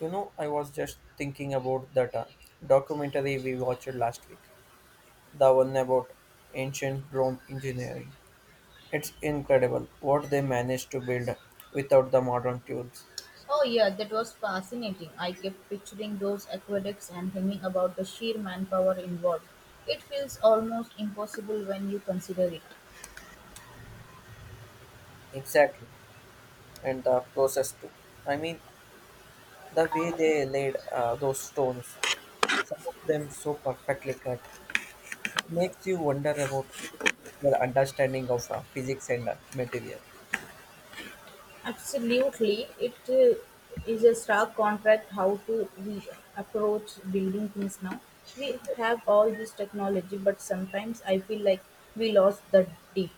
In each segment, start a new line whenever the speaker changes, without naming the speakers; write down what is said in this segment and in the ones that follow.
You know, I was just thinking about that documentary we watched last week, the one about ancient Rome engineering. It's incredible what they managed to build without the modern tools.
Oh, yeah, that was fascinating. I kept picturing those aqueducts and hemming about the sheer manpower involved. It feels almost impossible when you consider it.
Exactly, and the process too. I mean, the way they laid those stones, some of them so perfectly cut, it makes you wonder about their understanding of physics and material.
Absolutely, it is a stark contrast how to we approach building things now. We have all this technology, but sometimes I feel like we lost the deep,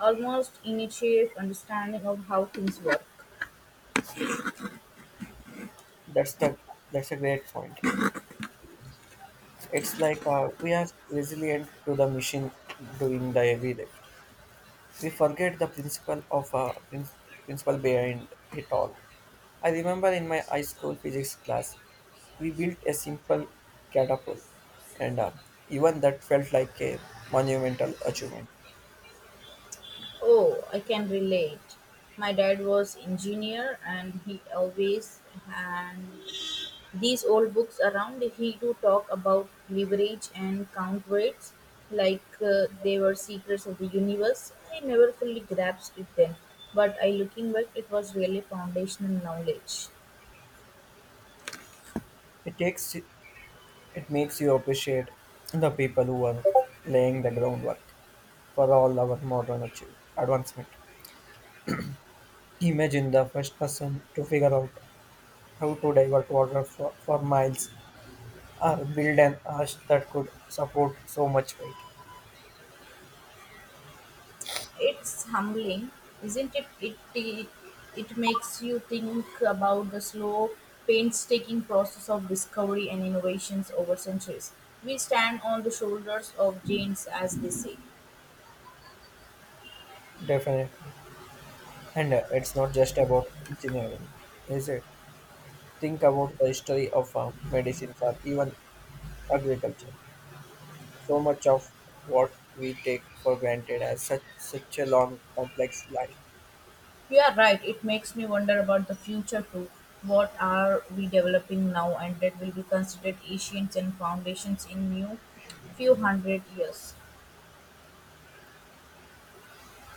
almost initiative understanding of how things work.
That's the that's a great point. It's like we are resilient to the machine doing the heavy lift. We forget the principle of principle behind it all. I remember in my high school physics class, we built a simple catapult, and even that felt like a monumental achievement.
Oh, I can relate. My dad was engineer and he always had these old books around. He do talk about leverage and count rates like they were secrets of the universe. I never fully grasped it then, but I looking back it was really foundational knowledge.
It takes it makes you appreciate the people who are laying the groundwork for all our modern advancement. Imagine the first person to figure out how to divert water for miles or build an arch that could support so much weight.
It's humbling, isn't it? It makes you think about the slow, painstaking process of discovery and innovations over centuries. We stand on the shoulders of giants, as they say.
Definitely. And it's not just about engineering, is it? Think about the history of medicines or even agriculture. So much of what we take for granted has such a long, complex life.
You are right, it makes me wonder about the future too. What are we developing now and that will be considered ancient and foundations in new few hundred years?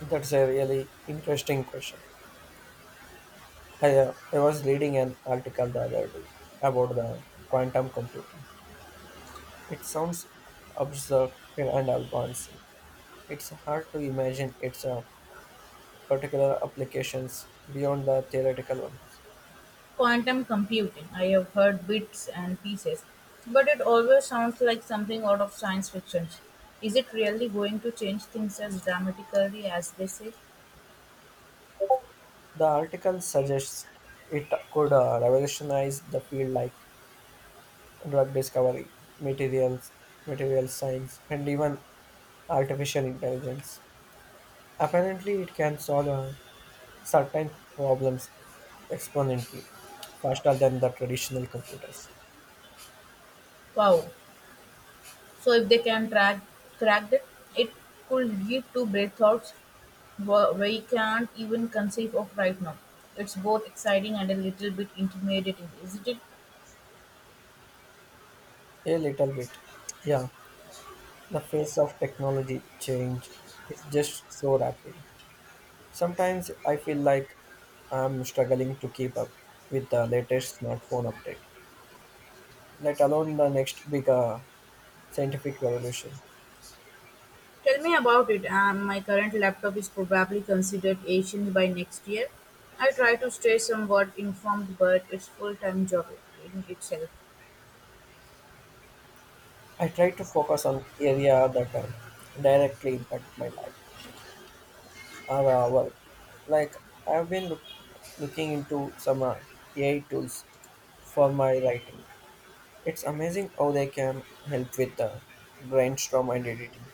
That's a really interesting question. I was reading an article the other day about the quantum computing. It sounds abstract and advanced. It's hard to imagine its particular applications beyond the theoretical ones.
Quantum computing. I have heard bits and pieces, but it always sounds like something out of science fiction. Is it really going to change things as dramatically as they say?
The article suggests it could revolutionize the field like drug discovery, materials, material science, and even artificial intelligence. Apparently, it can solve certain problems exponentially faster than the traditional computers.
Wow. So if they can track, crack it, it could lead to breakthroughs we can't even conceive of right now. It's both exciting and a little bit intimidating, isn't it?
A little bit, yeah. The pace of technology change is just so rapid. Sometimes I feel like I'm struggling to keep up with the latest smartphone update, let alone the next big scientific revolution.
Tell me about it. My current laptop is probably considered ancient by next year. I try to stay somewhat informed, but it's full-time job in itself.
I try to focus on area that directly impact my life or work. Like I've been look- looking into some AI tools for my writing. It's amazing how they can help with brainstorm and editing.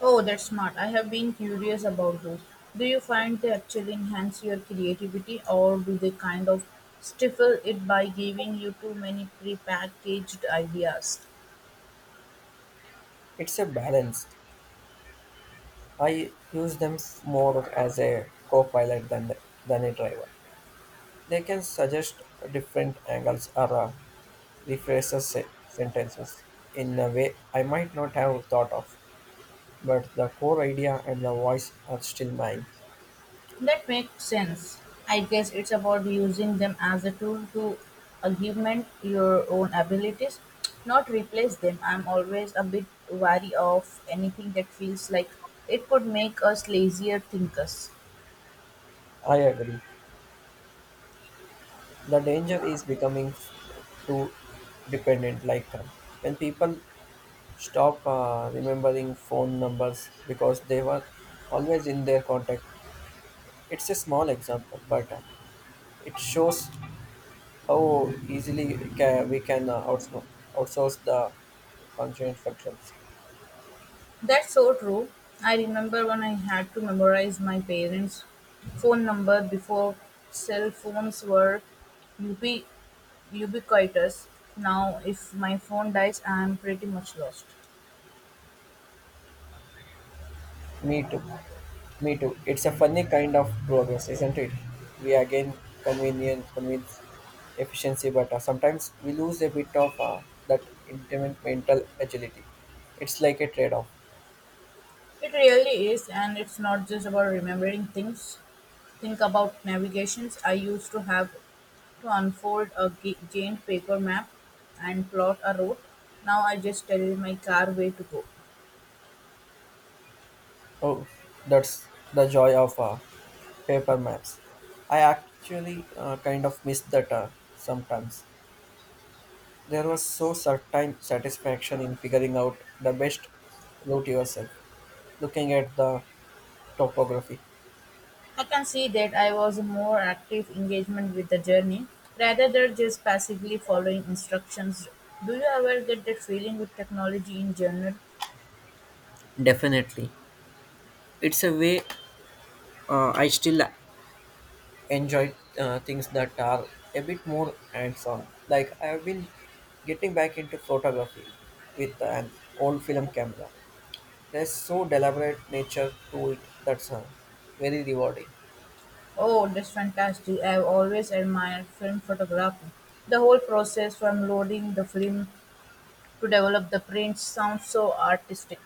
Oh, that's smart. I have been curious about those. Do you find they actually enhance your creativity, or do they kind of stifle it by giving you too many prepackaged ideas?
It's a balance. I use them more as a co-pilot than a driver. They can suggest different angles or sentences in a way I might not have thought of, but the core idea and the voice are still mine.
That makes sense. I guess it's about using them as a tool to augment your own abilities, not replace them. I'm always a bit wary of anything that feels like it could make us lazier thinkers.
I agree. The danger is becoming too dependent. Like when people stop remembering phone numbers because they were always in their contact. It's a small example, but it shows how we can outsource the constraint functions.
That's so true. I remember when I had to memorize my parents' phone number before cell phones were ubi- ubiquitous. Now, if my phone dies, I'm pretty much lost.
Me too. Me too. It's a funny kind of progress, isn't it? We again convince efficiency, but sometimes we lose a bit of that intimate mental agility. It's like a trade-off.
It really is, and it's not just about remembering things. Think about navigations. I used to have to unfold a giant paper map and plot a route. Now I just tell my car where to go.
Oh, that's the joy of paper maps. I actually kind of miss that sometimes. There was so certain satisfaction in figuring out the best route yourself, looking at the topography.
I can see that I was more active engagement with the journey rather than just passively following instructions. Do you ever get that feeling with technology in general?
Definitely. It's a way I still enjoy things that are a bit more hands on. Like, I have been getting back into photography with an old film camera. There's so deliberate nature to it that's very rewarding.
Oh, that's fantastic. I've always admired film photography. The whole process from loading the film to develop the print sounds so artistic.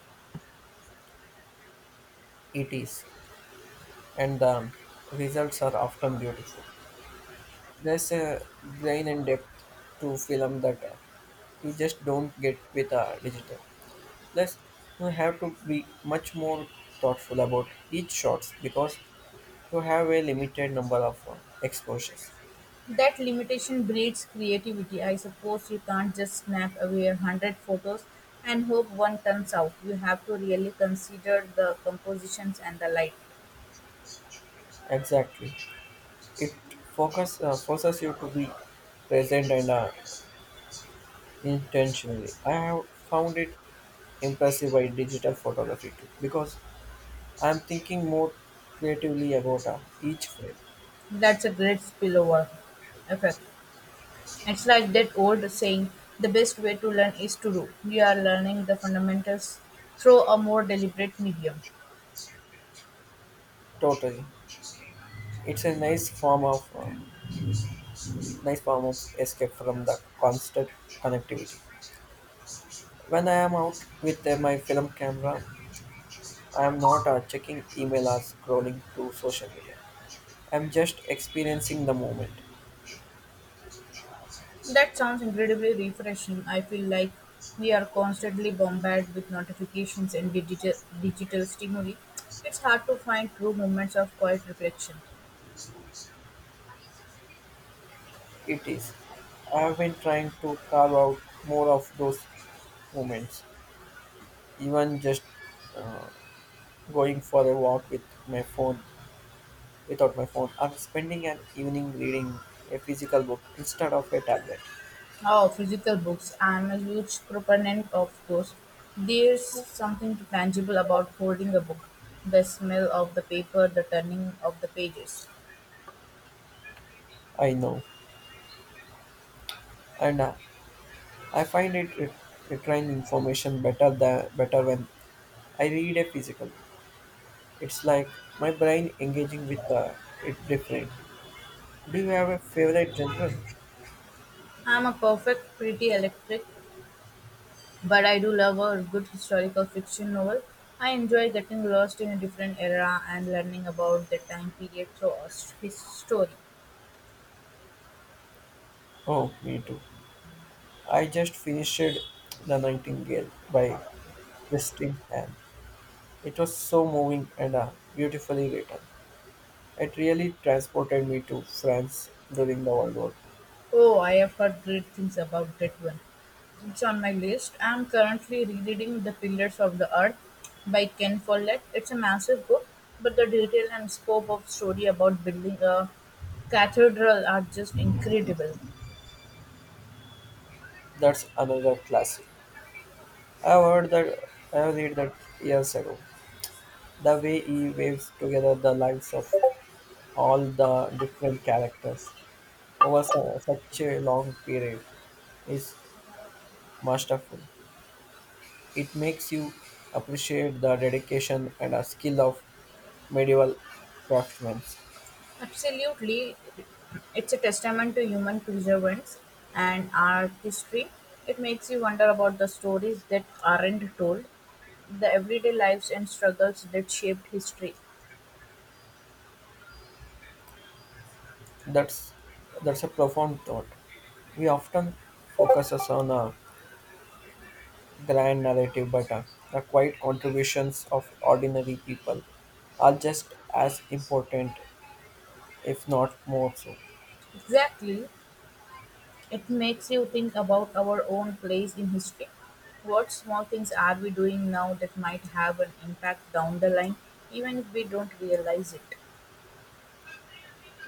It is. And the results are often beautiful. There's a brain and depth to film that you just don't get with digital. Plus, you have to be much more thoughtful about each shot because you have a limited number of exposures.
That limitation breeds creativity. I suppose you can't just snap away a hundred photos and hope one turns out. You have to really consider the compositions and the light.
Exactly, it focus forces you to be present and intentionally. I have found it impressive by digital photography too because I'm thinking more creatively about each frame.
That's a great spillover effect. It's like that old saying the best way to learn is to do. You are learning the fundamentals through a more deliberate medium.
Totally. It's a nice form of escape from the constant connectivity. When I am out with my film camera, I am not checking email or scrolling through social media. I'm just experiencing the moment.
That sounds incredibly refreshing. I feel like we are constantly bombarded with notifications and digital stimuli. It's hard to find true moments of quiet reflection.
It is. I've been trying to carve out more of those moments, even just uh, going for a walk with my phone, without my phone, or spending an evening reading a physical book instead of a tablet.
Oh, physical books. I'm a huge proponent of those. There's something tangible about holding a book. The smell of the paper, the turning of the pages.
I know, and I find it retrieving information better when I read a physical book. It's like my brain engaging with it differently. Do you have a favorite genre?
I'm a perfect, pretty electric, but I do love a good historical fiction novel. I enjoy getting lost in a different era and learning about the time period through a his story.
Oh, me too. I just finished The Nightingale by Kristin Hahn. It was so moving and beautifully written. It really transported me to France during the World War Two.
Oh, I have heard great things about that one. It's on my list. I am currently rereading The Pillars of the Earth by Ken Follett. It's a massive book, but the detail and scope of story about building a cathedral are just incredible.
That's another classic. I've heard that I have read that years ago. The way he waves together the lives of all the different characters over such a long period is masterful. It makes you appreciate the dedication and a skill of medieval craftsmen.
Absolutely, it's a testament to human perseverance and artistry. It makes you wonder about the stories that aren't told, the everyday lives and struggles that shaped history.
That's that's a profound thought. We often focus us on a grand narrative, but the quiet contributions of ordinary people are just as important, if not more so.
Exactly, it makes you think about our own place in history. What small things are we doing now that might have an impact down the line, even if we don't realize it?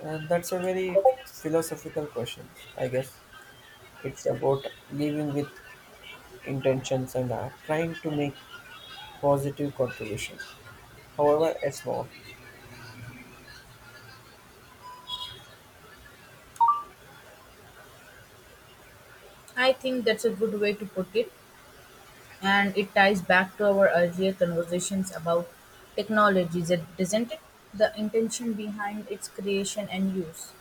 That's a very philosophical question, I guess. It's about living with intentions and trying to make positive contribution. However, a small
I think that's a good way to put it. And it ties back to our earlier conversations about technology, doesn't it? The intention behind its creation and use.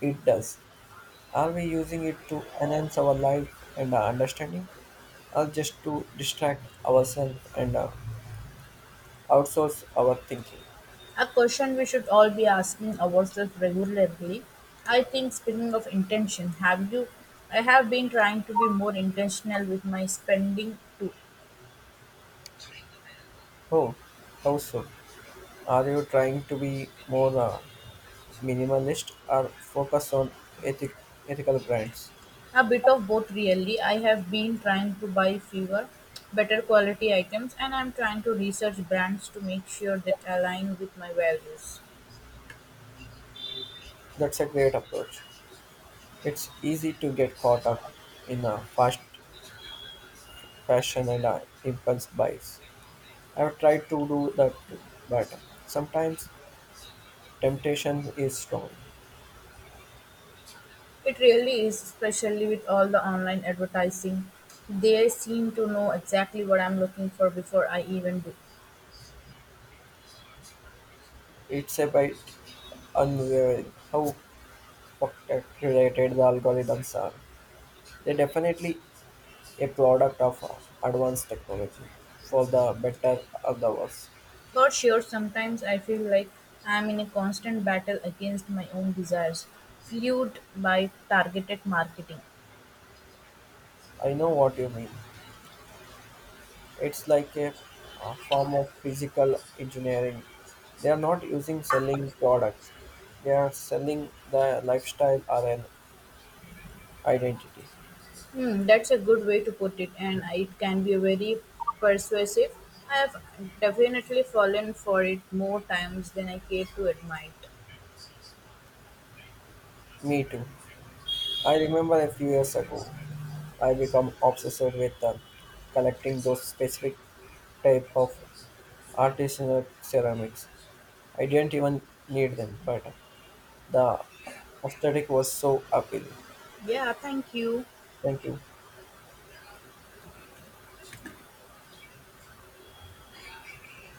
it does. Are we using it to enhance our life and our understanding, or just to distract ourselves and outsource our thinking?
A question we should all be asking ourselves regularly. I think speaking of intention, have you I have been trying to be more intentional with my spending too.
Oh, how so? Are you trying to be more minimalist or focus on ethic- ethical brands?
A bit of both really. I have been trying to buy fewer, better quality items and I'm trying to research brands to make sure that align with my values.
That's a great approach. It's easy to get caught up in a fast fashion and impulse buys. I've tried to do that, but sometimes temptation is strong.
It really is, especially with all the online advertising. They seem to know exactly what I'm looking for before I even do.
It's a bit unwavering how related the algorithms are. They're definitely a product of advanced technology, for the better or the worse.
For sure, sometimes I feel like I'm in a constant battle against my own desires, fueled by targeted marketing.
I know what you mean. It's like a form of physical engineering. They are not using selling products. They are selling the lifestyle or an identity.
Hmm, that's a good way to put it, and it can be very persuasive. I have definitely fallen for it more times than I care to admit.
Me too. I remember a few years ago, I become obsessed with collecting those specific type of artisanal ceramics. I didn't even need them, but the aesthetic was so appealing.
Yeah, thank you.
Thank you.